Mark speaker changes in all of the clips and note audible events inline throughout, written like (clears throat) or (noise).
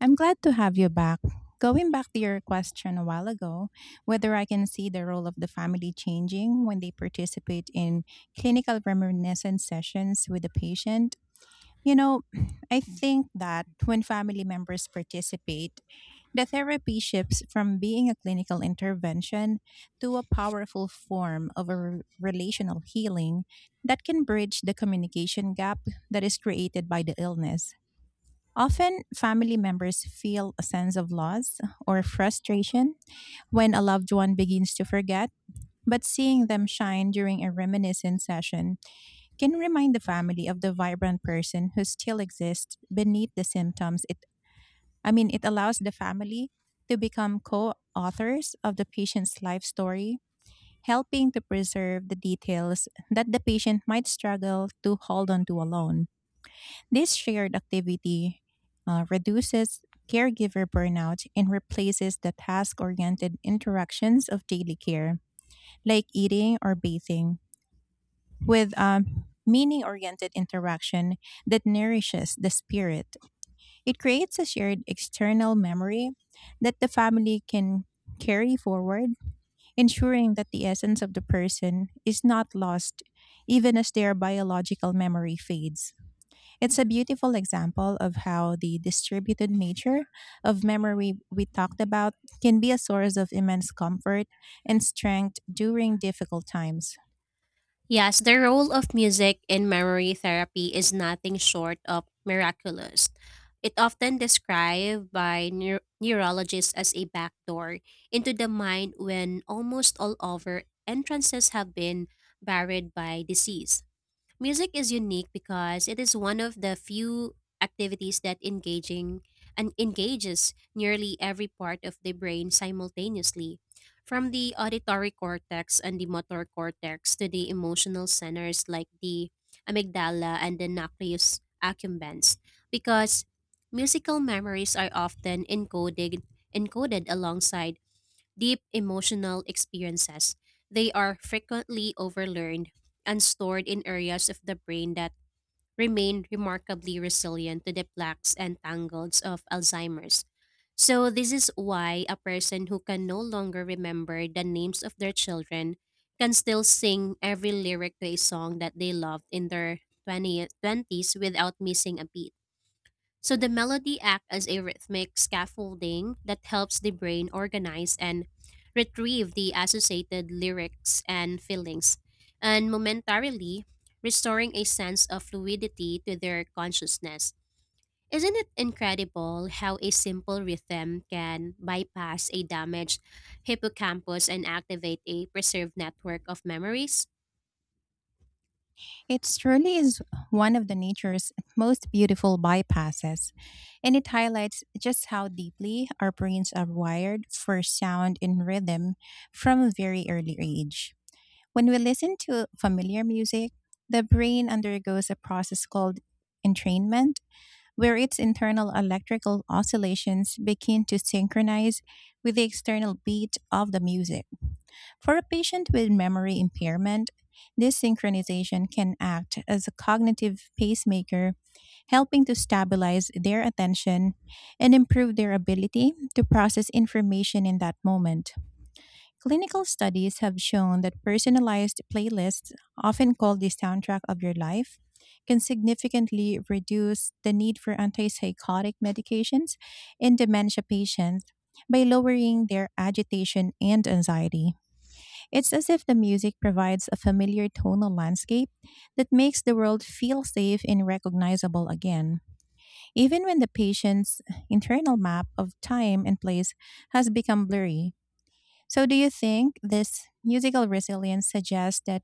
Speaker 1: I'm glad to have you back. Going back to your question a while ago, whether I can see the role of the family changing when they participate in clinical reminiscence sessions with the patient, you know, (clears throat) I think that when family members participate, the therapy shifts from being a clinical intervention to a powerful form of relational healing that can bridge the communication gap that is created by the illness. Often, family members feel a sense of loss or frustration when a loved one begins to forget, but seeing them shine during a reminiscence session can remind the family of the vibrant person who still exists beneath the symptoms. It allows the family to become co authors of the patient's life story, helping to preserve the details that the patient might struggle to hold on to alone. This shared activity reduces caregiver burnout and replaces the task oriented interactions of daily care, like eating or bathing, with a meaning oriented interaction that nourishes the spirit. It creates a shared external memory that the family can carry forward, ensuring that the essence of the person is not lost even as their biological memory fades. It's a beautiful example of how the distributed nature of memory we talked about can be a source of immense comfort and strength during difficult times.
Speaker 2: Yes, the role of music in memory therapy is nothing short of miraculous. It often described by neurologists as a backdoor into the mind when almost all other entrances have been buried by disease. Music is unique because it is one of the few activities that engaging and engages nearly every part of the brain simultaneously, from the auditory cortex and the motor cortex to the emotional centers like the amygdala and the nucleus accumbens. Because musical memories are often encoded alongside deep emotional experiences. They are frequently overlearned and stored in areas of the brain that remain remarkably resilient to the plaques and tangles of Alzheimer's. So, this is why a person who can no longer remember the names of their children can still sing every lyric to a song that they loved in their 20s without missing a beat. So the melody acts as a rhythmic scaffolding that helps the brain organize and retrieve the associated lyrics and feelings, and momentarily restoring a sense of fluidity to their consciousness. Isn't it incredible how a simple rhythm can bypass a damaged hippocampus and activate a preserved network of memories?
Speaker 1: It truly is one of the nature's most beautiful bypasses, and it highlights just how deeply our brains are wired for sound and rhythm from a very early age. When we listen to familiar music, the brain undergoes a process called entrainment where its internal electrical oscillations begin to synchronize with the external beat of the music. For a patient with memory impairment, this synchronization can act as a cognitive pacemaker, helping to stabilize their attention and improve their ability to process information in that moment. Clinical studies have shown that personalized playlists, often called the soundtrack of your life, can significantly reduce the need for antipsychotic medications in dementia patients by lowering their agitation and anxiety. It's as if the music provides a familiar tonal landscape that makes the world feel safe and recognizable again, even when the patient's internal map of time and place has become blurry. So, do you think this musical resilience suggests that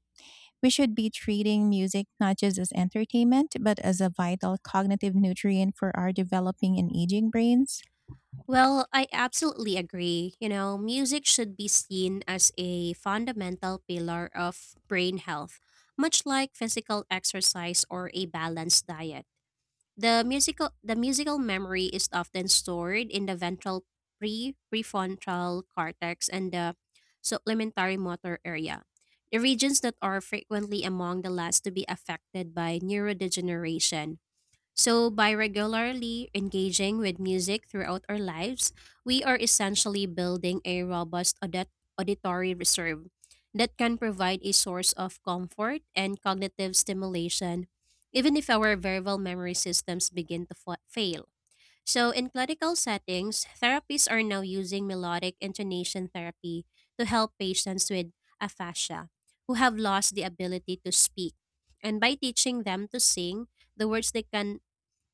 Speaker 1: we should be treating music not just as entertainment, but as a vital cognitive nutrient for our developing and aging brains?
Speaker 2: Well, I absolutely agree. You know, music should be seen as a fundamental pillar of brain health, much like physical exercise or a balanced diet. The musical memory is often stored in the ventral prefrontal cortex and the supplementary motor area, the regions that are frequently among the last to be affected by neurodegeneration. So, by regularly engaging with music throughout our lives, we are essentially building a robust auditory reserve that can provide a source of comfort and cognitive stimulation, even if our verbal memory systems begin to fail. So, in clinical settings, therapists are now using melodic intonation therapy to help patients with aphasia who have lost the ability to speak. And by teaching them to sing the words they can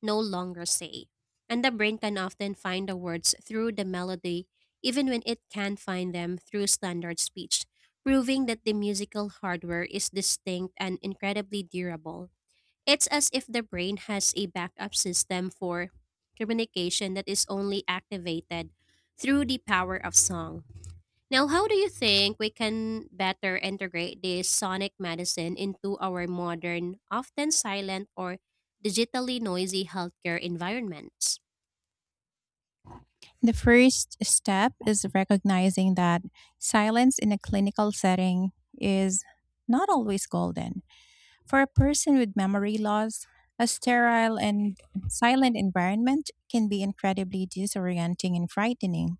Speaker 2: no longer say. And the brain can often find the words through the melody, even when it can't find them through standard speech, proving that the musical hardware is distinct and incredibly durable. It's as if the brain has a backup system for communication that is only activated through the power of song. Now, how do you think we can better integrate this sonic medicine into our modern, often silent or digitally noisy healthcare environments?
Speaker 1: The first step is recognizing that silence in a clinical setting is not always golden. For a person with memory loss, a sterile and silent environment can be incredibly disorienting and frightening.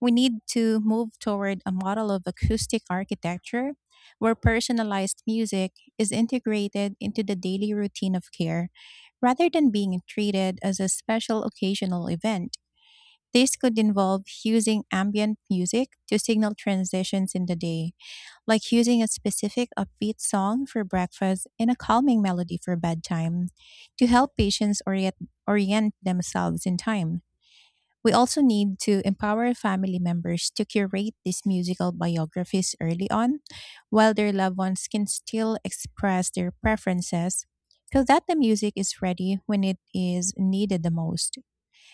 Speaker 1: We need to move toward a model of acoustic architecture where personalized music is integrated into the daily routine of care rather than being treated as a special occasional event. This could involve using ambient music to signal transitions in the day, like using a specific upbeat song for breakfast and a calming melody for bedtime to help patients orient themselves in time. We also need to empower family members to curate these musical biographies early on while their loved ones can still express their preferences so that the music is ready when it is needed the most.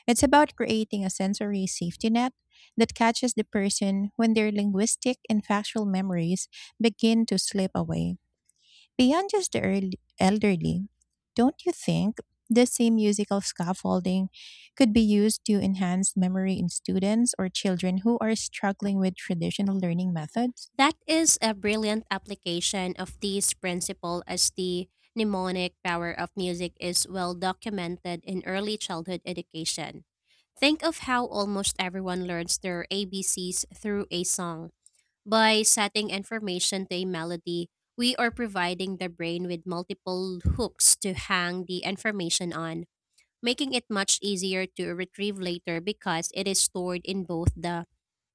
Speaker 1: It's about creating a sensory safety net that catches the person when their linguistic and factual memories begin to slip away. Beyond just the early, elderly, don't you think the same musical scaffolding could be used to enhance memory in students or children who are struggling with traditional learning methods?
Speaker 2: That is a brilliant application of this principle, as the mnemonic power of music is well documented in early childhood education. Think of how almost everyone learns their ABCs through a song. By setting information to a melody, we are providing the brain with multiple hooks to hang the information on, making it much easier to retrieve later because it is stored in both the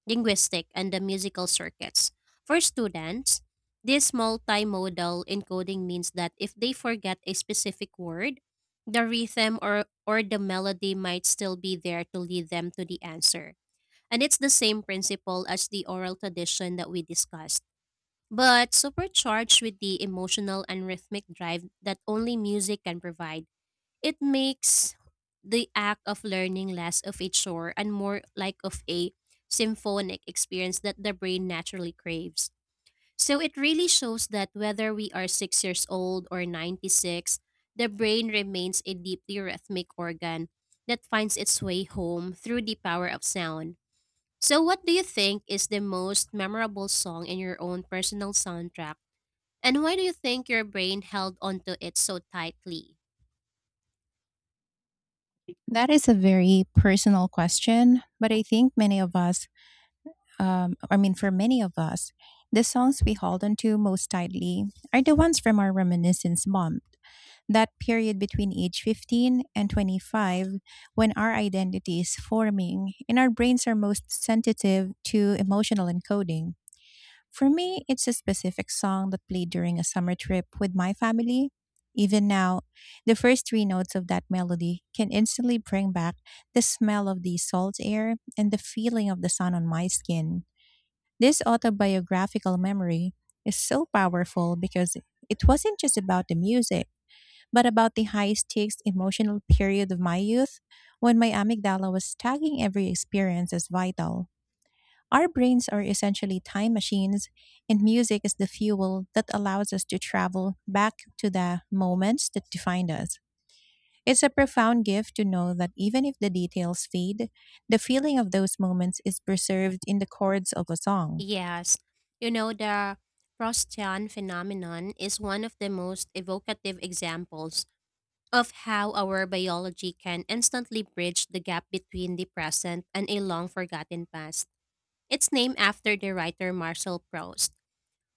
Speaker 2: linguistic and the musical circuits. For students, this multimodal encoding means that if they forget a specific word, the rhythm or the melody might still be there to lead them to the answer. And it's the same principle as the oral tradition that we discussed, but supercharged with the emotional and rhythmic drive that only music can provide. It makes the act of learning less of a chore and more like of a symphonic experience that the brain naturally craves. So it really shows that whether we are 6 years old or 96, the brain remains a deeply rhythmic organ that finds its way home through the power of sound. So what do you think is the most memorable song in your own personal soundtrack, and why do you think your brain held onto it so tightly?
Speaker 1: That is a very personal question, but I think many of us I mean, for many of us, the songs we hold onto most tightly are the ones from our reminiscence bump, that period between age 15 and 25 when our identity is forming and our brains are most sensitive to emotional encoding. For me, it's a specific song that played during a summer trip with my family. Even now, the first three notes of that melody can instantly bring back the smell of the salt air and the feeling of the sun on my skin. This autobiographical memory is so powerful because it wasn't just about the music, but about the high stakes emotional period of my youth when my amygdala was tagging every experience as vital. Our brains are essentially time machines, and music is the fuel that allows us to travel back to the moments that defined us. It's a profound gift to know that even if the details fade, the feeling of those moments is preserved in the chords of a song.
Speaker 2: Yes, you know, the Proustian phenomenon is one of the most evocative examples of how our biology can instantly bridge the gap between the present and a long forgotten past. It's named after the writer Marcel Proust,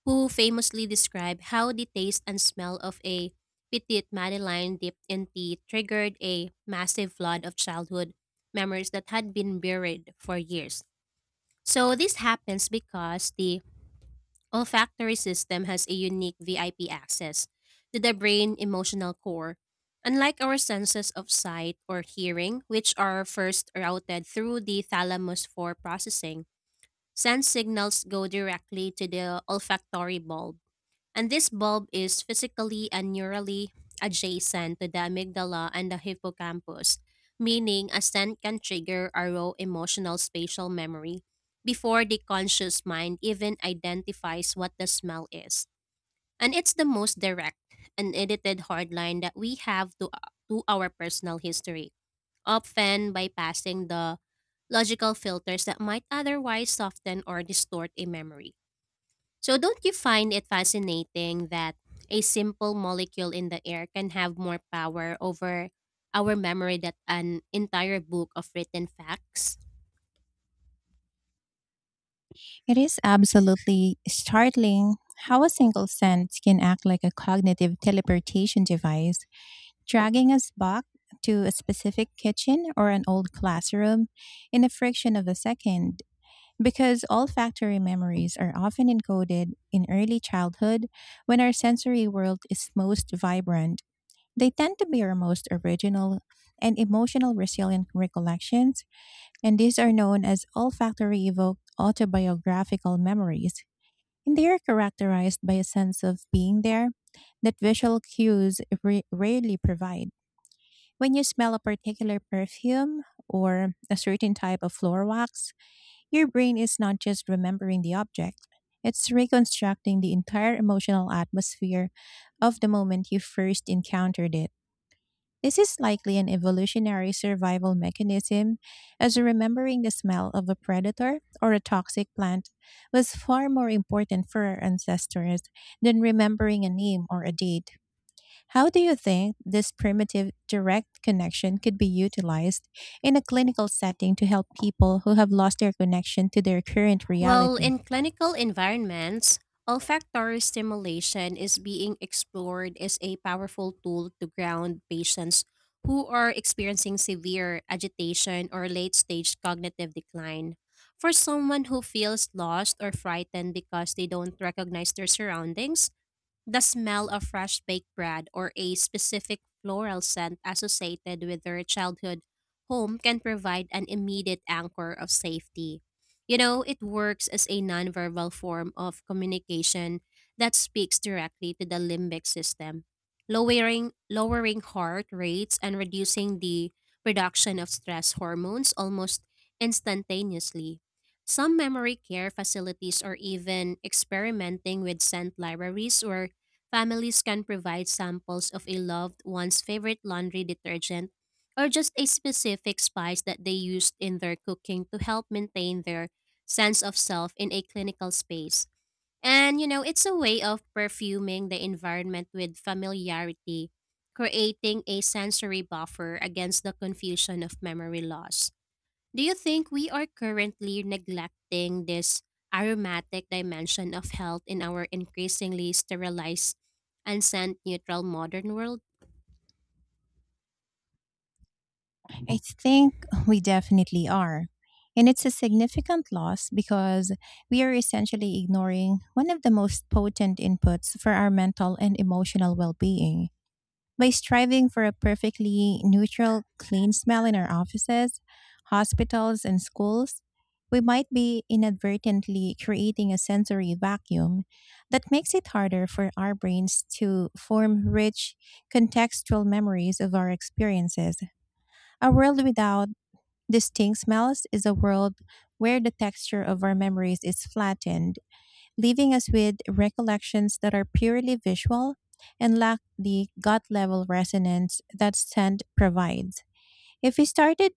Speaker 2: who famously described how the taste and smell of a petite madeleine dipped in tea triggered a massive flood of childhood memories that had been buried for years. So this happens because the olfactory system has a unique VIP access to the brain emotional core. Unlike our senses of sight or hearing, which are first routed through the thalamus for processing, sense signals go directly to the olfactory bulb, and this bulb is physically and neurally adjacent to the amygdala and the hippocampus, meaning a scent can trigger a raw emotional spatial memory before the conscious mind even identifies what the smell is. And it's the most direct and edited hardline that we have to our personal history, often bypassing the logical filters that might otherwise soften or distort a memory. So, don't you find it fascinating that a simple molecule in the air can have more power over our memory than an entire book of written facts?
Speaker 1: It is absolutely startling how a single scent can act like a cognitive teleportation device, dragging us back to a specific kitchen or an old classroom in a fraction of a second. Because olfactory memories are often encoded in early childhood when our sensory world is most vibrant, they tend to be our most original and emotional resilient recollections, and these are known as olfactory evoked autobiographical memories. And they are characterized by a sense of being there that visual cues rarely provide. When you smell a particular perfume or a certain type of floor wax, your brain is not just remembering the object, it's reconstructing the entire emotional atmosphere of the moment you first encountered it. This is likely an evolutionary survival mechanism, as remembering the smell of a predator or a toxic plant was far more important for our ancestors than remembering a name or a date. How do you think this primitive direct connection could be utilized in a clinical setting to help people who have lost their connection to their current
Speaker 2: Well,
Speaker 1: reality?
Speaker 2: in clinical environments, olfactory stimulation is being explored as a powerful tool to ground patients who are experiencing severe agitation or late stage cognitive decline. For someone who feels lost or frightened because they don't recognize their surroundings, the smell of fresh baked bread or a specific floral scent associated with their childhood home can provide an immediate anchor of safety. You know, it works as a nonverbal form of communication that speaks directly to the limbic system, lowering heart rates and reducing the production of stress hormones almost instantaneously. Some memory care facilities are even experimenting with scent libraries where families can provide samples of a loved one's favorite laundry detergent or just a specific spice that they used in their cooking to help maintain their sense of self in a clinical space. And you know, it's a way of perfuming the environment with familiarity, creating a sensory buffer against the confusion of memory loss. Do you think we are currently neglecting this aromatic dimension of health in our increasingly sterilized and scent neutral modern world?
Speaker 1: I think we definitely are. And it's a significant loss because we are essentially ignoring one of the most potent inputs for our mental and emotional well being. By striving for a perfectly neutral, clean smell in our offices, hospitals, and schools, we might be inadvertently creating a sensory vacuum that makes it harder for our brains to form rich, contextual memories of our experiences. A world without distinct smells is a world where the texture of our memories is flattened, leaving us with recollections that are purely visual and lack the gut level resonance that scent provides. If we started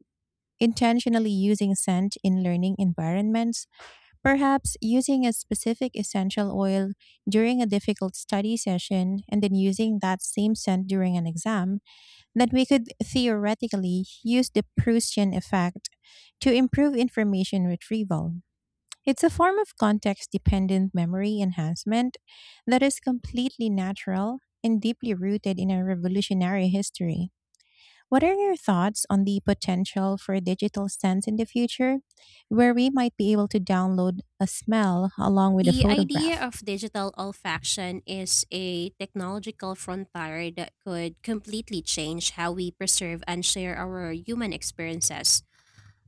Speaker 1: intentionally using scent in learning environments, perhaps using a specific essential oil during a difficult study session and then using that same scent during an exam, that we could theoretically use the Prussian effect to improve information retrieval. It's a form of context dependent memory enhancement that is completely natural and deeply rooted in our revolutionary history. What are your thoughts on the potential for a digital sense in the future, where we might be able to download a smell along with a
Speaker 2: The idea
Speaker 1: photograph?
Speaker 2: of digital olfaction is a technological frontier that could completely change how we preserve and share our human experiences.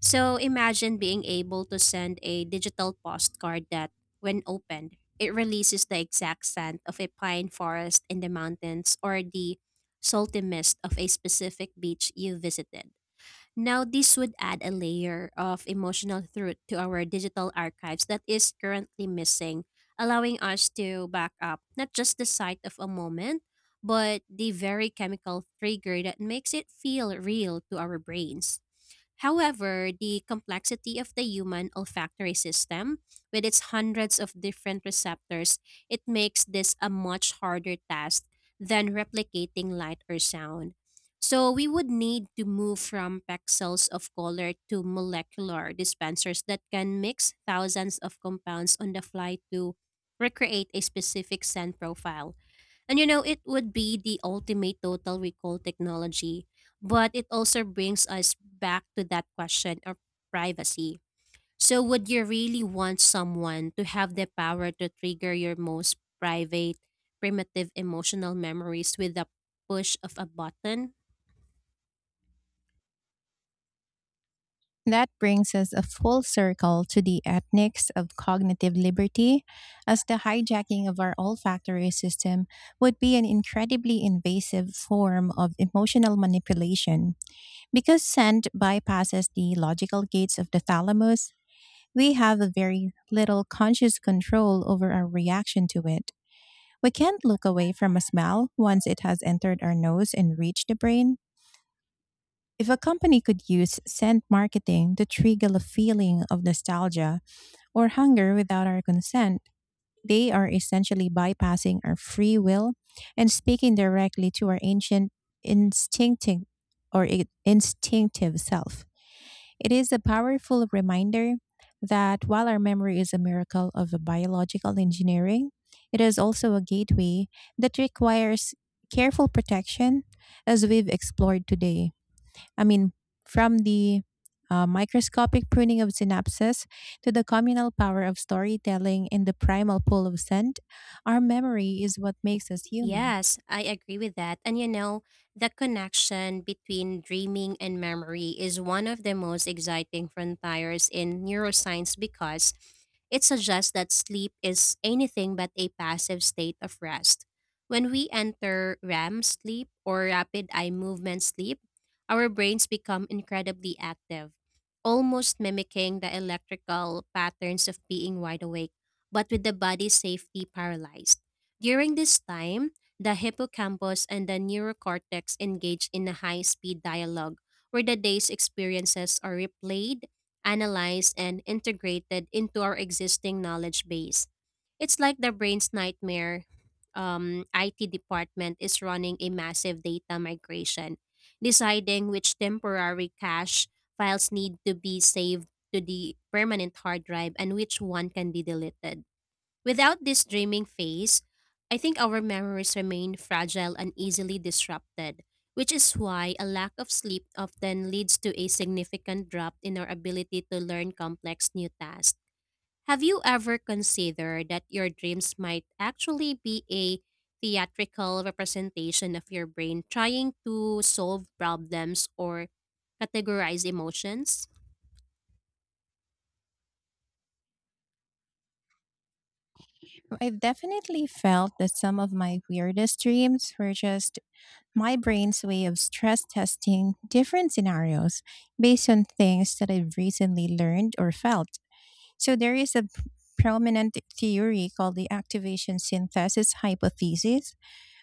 Speaker 2: So imagine being able to send a digital postcard that, when opened, it releases the exact scent of a pine forest in the mountains or the salty mist of a specific beach you visited. Now, this would add a layer of emotional truth to our digital archives that is currently missing, allowing us to back up not just the sight of a moment, but the very chemical trigger that makes it feel real to our brains. However, the complexity of the human olfactory system, with its hundreds of different receptors, it makes this a much harder task than replicating light or sound. So we would need to move from pixels of color to molecular dispensers that can mix thousands of compounds on the fly to recreate a specific scent profile. And you know, it would be the ultimate total recall technology, but it also brings us back to that question of privacy. So, would you really want someone to have the power to trigger your most private, primitive emotional memories with the push of a button?
Speaker 1: That brings us a full circle to the ethics of cognitive liberty, as the hijacking of our olfactory system would be an incredibly invasive form of emotional manipulation. Because scent bypasses the logical gates of the thalamus, we have a very little conscious control over our reaction to it. We can't look away from a smell once it has entered our nose and reached the brain. If a company could use scent marketing to trigger a feeling of nostalgia or hunger without our consent, they are essentially bypassing our free will and speaking directly to our ancient instinctive instinctive self. It is a powerful reminder that while our memory is a miracle of a biological engineering, it is also a gateway that requires careful protection as we've explored today. I mean, from the microscopic pruning of synapses to the communal power of storytelling and the primal pull of scent, our memory is what makes us human.
Speaker 2: Yes, I agree with that. And you know, the connection between dreaming and memory is one of the most exciting frontiers in neuroscience because it suggests that sleep is anything but a passive state of rest. When we enter REM sleep, or rapid eye movement sleep, our brains become incredibly active, almost mimicking the electrical patterns of being wide awake, but with the body safely paralyzed. During this time, the hippocampus and the neurocortex engage in a high speed dialogue where the day's experiences are replayed, analyzed, and integrated into our existing knowledge base. It's like the brain's nightmare IT department is running a massive data migration, deciding which temporary cache files need to be saved to the permanent hard drive and which one can be deleted. Without this dreaming phase, I think our memories remain fragile and easily disrupted, which is why a lack of sleep often leads to a significant drop in our ability to learn complex new tasks. Have you ever considered that your dreams might actually be a theatrical representation of your brain trying to solve problems or categorize emotions?
Speaker 1: I've definitely felt that some of my weirdest dreams were just my brain's way of stress testing different scenarios based on things that I've recently learned or felt. So there is a prominent theory called the activation synthesis hypothesis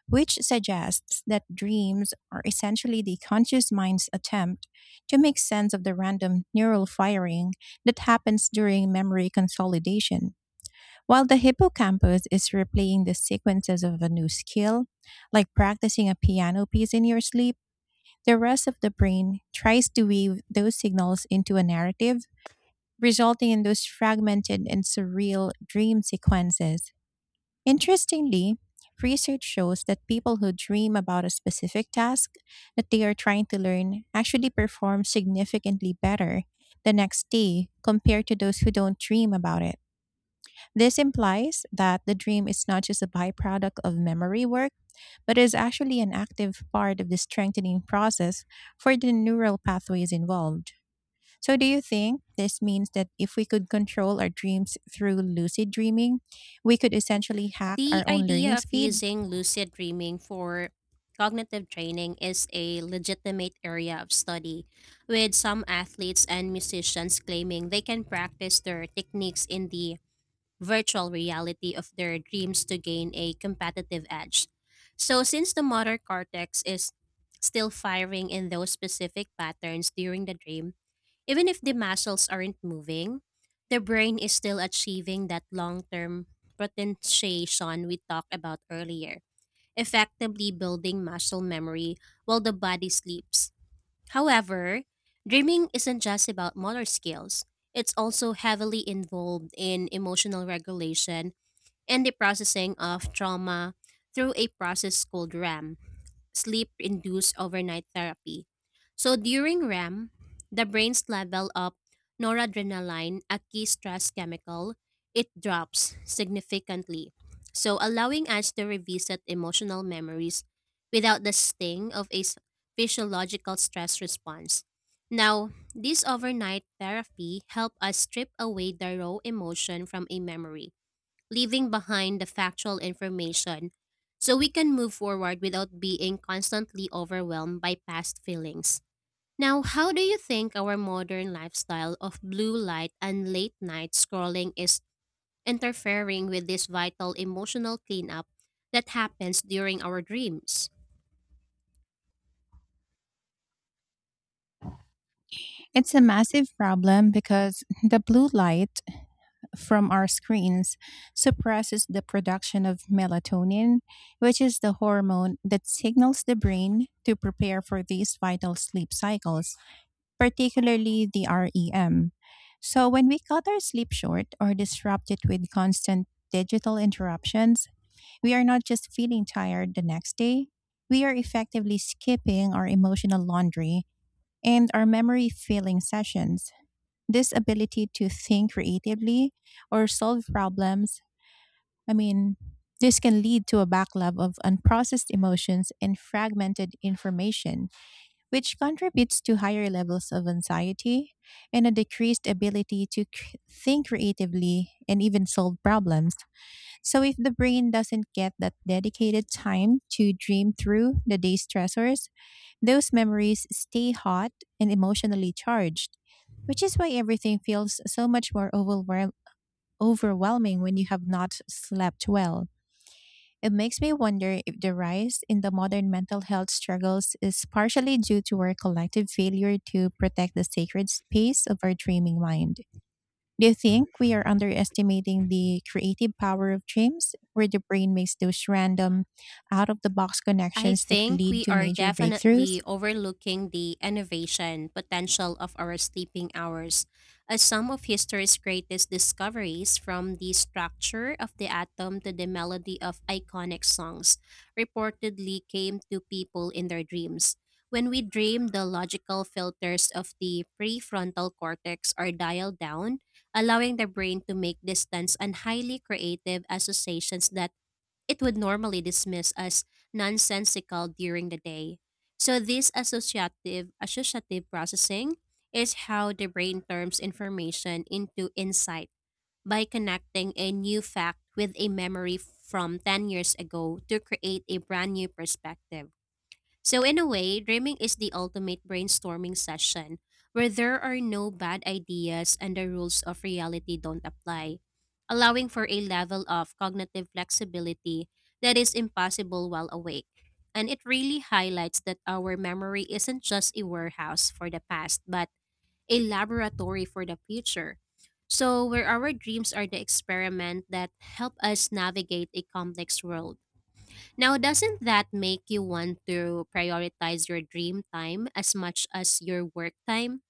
Speaker 1: which suggests that dreams are essentially the conscious mind's attempt to make sense of the random neural firing that happens during memory consolidation. While the hippocampus is replaying the sequences of a new skill, like practicing a piano piece in your sleep, the rest of the brain tries to weave those signals into a narrative, resulting in those fragmented and surreal dream sequences. Interestingly, research shows that people who dream about a specific task that they are trying to learn actually perform significantly better the next day compared to those who don't dream about it. This implies that the dream is not just a byproduct of memory work, but is actually an active part of the strengthening process for the neural pathways involved. So, do you think this means that if we could control our dreams through lucid dreaming, we could essentially hack
Speaker 2: The
Speaker 1: our own
Speaker 2: idea
Speaker 1: learning
Speaker 2: of
Speaker 1: speed?
Speaker 2: using lucid dreaming for cognitive training is a legitimate area of study, with some athletes and musicians claiming they can practice their techniques in the virtual reality of their dreams to gain a competitive edge. So, since the motor cortex is still firing in those specific patterns during the dream, even if the muscles aren't moving, the brain is still achieving that long term potentiation we talked about earlier, effectively building muscle memory while the body sleeps. However, dreaming isn't just about motor skills, it's also heavily involved in emotional regulation and the processing of trauma through a process called RAM sleep induced overnight therapy. So during REM, the brain's level of noradrenaline, a key stress chemical, it drops significantly. So allowing us to revisit emotional memories without the sting of a physiological stress response. Now, this overnight therapy help us strip away the raw emotion from a memory, leaving behind the factual information, so we can move forward without being constantly overwhelmed by past feelings. Now, how do you think our modern lifestyle of blue light and late night scrolling is interfering with this vital emotional cleanup that happens during our dreams?
Speaker 1: It's a massive problem because the blue light from our screens suppresses the production of melatonin, which is the hormone that signals the brain to prepare for these vital sleep cycles, particularly the REM. So, when we cut our sleep short or disrupt it with constant digital interruptions, we are not just feeling tired the next day, we are effectively skipping our emotional laundry and our memory filling sessions. This ability to think creatively or solve problems, I mean, this can lead to a backlog of unprocessed emotions and fragmented information, which contributes to higher levels of anxiety and a decreased ability to think creatively and even solve problems. So if the brain doesn't get that dedicated time to dream through the day's stressors, those memories stay hot and emotionally charged, which is why everything feels so much more overwhelming when you have not slept well. It makes me wonder if the rise in the modern mental health struggles is partially due to our collective failure to protect the sacred space of our dreaming mind. Do you think we are underestimating the creative power of dreams, where the brain makes those random, out of the box
Speaker 2: I
Speaker 1: connections that
Speaker 2: think
Speaker 1: lead
Speaker 2: we
Speaker 1: to
Speaker 2: are
Speaker 1: major
Speaker 2: definitely
Speaker 1: breakthroughs?
Speaker 2: overlooking the innovation potential of our sleeping hours, as some of history's greatest discoveries, from the structure of the atom to the melody of iconic songs, reportedly came to people in their dreams. When we dream, the logical filters of the prefrontal cortex are dialed down, allowing the brain to make distance and highly creative associations that it would normally dismiss as nonsensical during the day. So this associative processing is how the brain turns information into insight by connecting a new fact with a memory from 10 years ago to create a brand new perspective. So, in a way, dreaming is the ultimate brainstorming session where there are no bad ideas and the rules of reality don't apply, allowing for a level of cognitive flexibility that is impossible while awake. And it really highlights that our memory isn't just a warehouse for the past, but a laboratory for the future. So, where our dreams are the experiment that help us navigate a complex world. Now, doesn't that make you want to prioritize your dream time as much as your work time?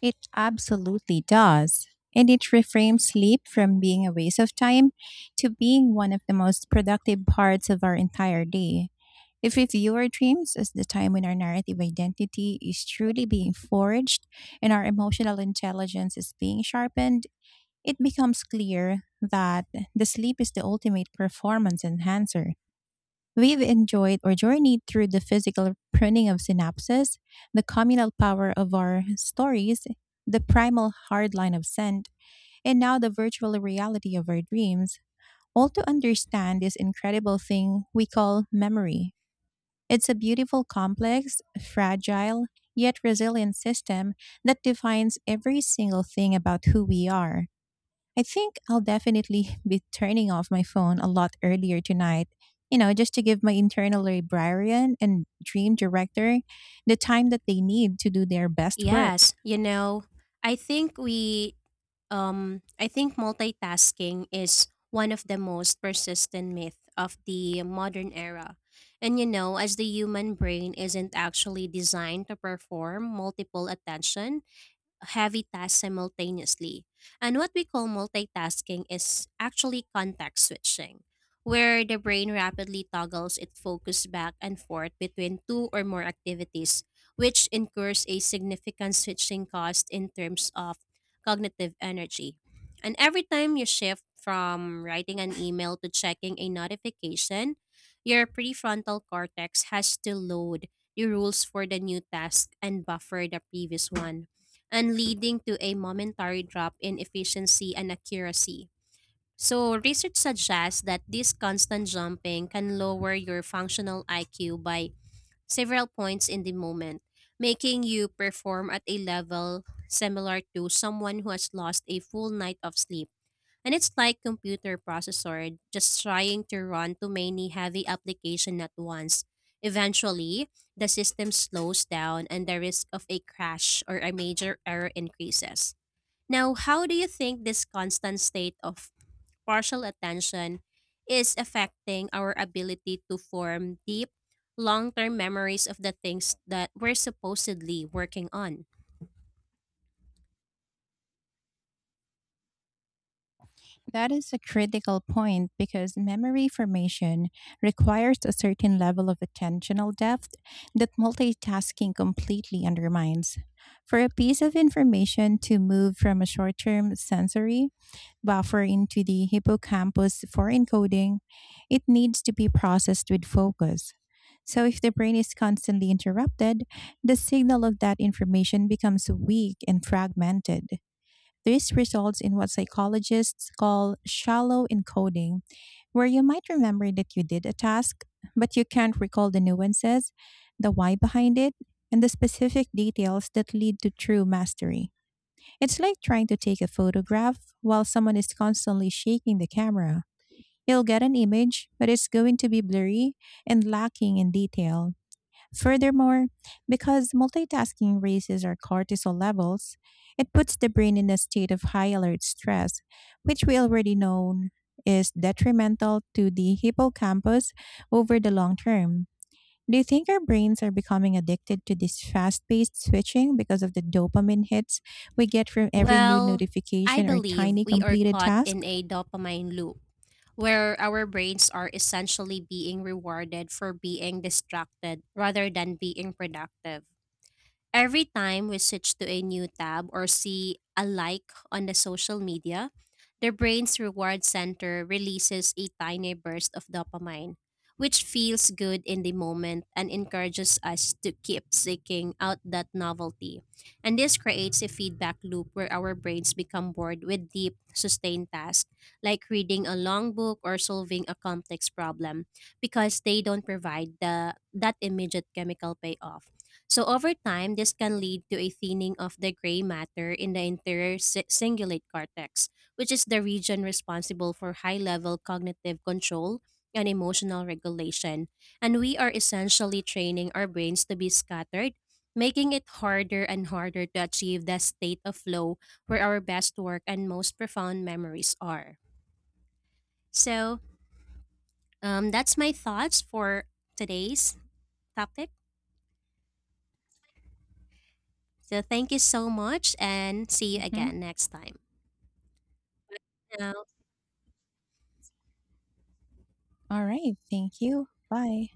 Speaker 1: It absolutely does. And it reframes sleep from being a waste of time to being one of the most productive parts of our entire day. If we view our dreams as the time when our narrative identity is truly being forged and our emotional intelligence is being sharpened, it becomes clear that the sleep is the ultimate performance enhancer. We've enjoyed or journeyed through the physical pruning of synapses, the communal power of our stories, the primal hard line of scent, and now the virtual reality of our dreams, all to understand this incredible thing we call memory. It's a beautiful, complex, fragile, yet resilient system that defines every single thing about who we are. I think I'll definitely (laughs) be turning off my phone a lot earlier tonight, you know, just to give my internal librarian and dream director the time that they need to do their best work.
Speaker 2: Yes, you know, I think we I think multitasking is one of the most persistent myth of the modern era. And you know, as the human brain isn't actually designed to perform multiple attention, heavy tasks simultaneously. And what we call multitasking is actually context switching, where the brain rapidly toggles its focus back and forth between two or more activities, which incurs a significant switching cost in terms of cognitive energy. And every time you shift from writing an email to checking a notification, your prefrontal cortex has to load the rules for the new task and buffer the previous one, and leading to a momentary drop in efficiency and accuracy. So, research suggests that this constant jumping can lower your functional IQ by several points in the moment, making you perform at a level similar to someone who has lost a full night of sleep. And it's like computer processor just trying to run too many heavy application at once. Eventually, the system slows down and the risk of a crash or a major error increases. Now, how do you think this constant state of partial attention is affecting our ability to form deep, long term memories of the things that we're supposedly working on?
Speaker 1: That is a critical point because memory formation requires a certain level of attentional depth that multitasking completely undermines. For a piece of information to move from a short term sensory buffer into the hippocampus for encoding, it needs to be processed with focus. So, if the brain is constantly interrupted, the signal of that information becomes weak and fragmented. This results in what psychologists call shallow encoding, where you might remember that you did a task, but you can't recall the nuances, the why behind it, and the specific details that lead to true mastery. It's like trying to take a photograph while someone is constantly shaking the camera. You'll get an image, but it's going to be blurry and lacking in detail. Furthermore, because multitasking raises our cortisol levels, it puts the brain in a state of high alert stress, which we already know is detrimental to the hippocampus over the long term. Do you think our brains are becoming addicted to this fast paced switching because of the dopamine hits we get from every new
Speaker 2: Well, I
Speaker 1: notification or
Speaker 2: believe
Speaker 1: tiny
Speaker 2: we are
Speaker 1: completed
Speaker 2: caught
Speaker 1: task?
Speaker 2: in a dopamine loop where our brains are essentially being rewarded for being distracted rather than being productive. Every time we switch to a new tab or see a like on the social media, the brain's reward center releases a tiny burst of dopamine, which feels good in the moment and encourages us to keep seeking out that novelty. And this creates a feedback loop where our brains become bored with deep, sustained tasks, like reading a long book or solving a complex problem, because they don't provide that immediate chemical payoff. So over time, this can lead to a thinning of the gray matter in the interior cingulate cortex, which is the region responsible for high-level cognitive control and emotional regulation. And we are essentially training our brains to be scattered, making it harder and harder to achieve that state of flow where our best work and most profound memories are. So that's my thoughts for today's topic. So thank you so much and see you
Speaker 1: Mhm.
Speaker 2: again next time. Yeah,
Speaker 1: All right. Thank you. Bye.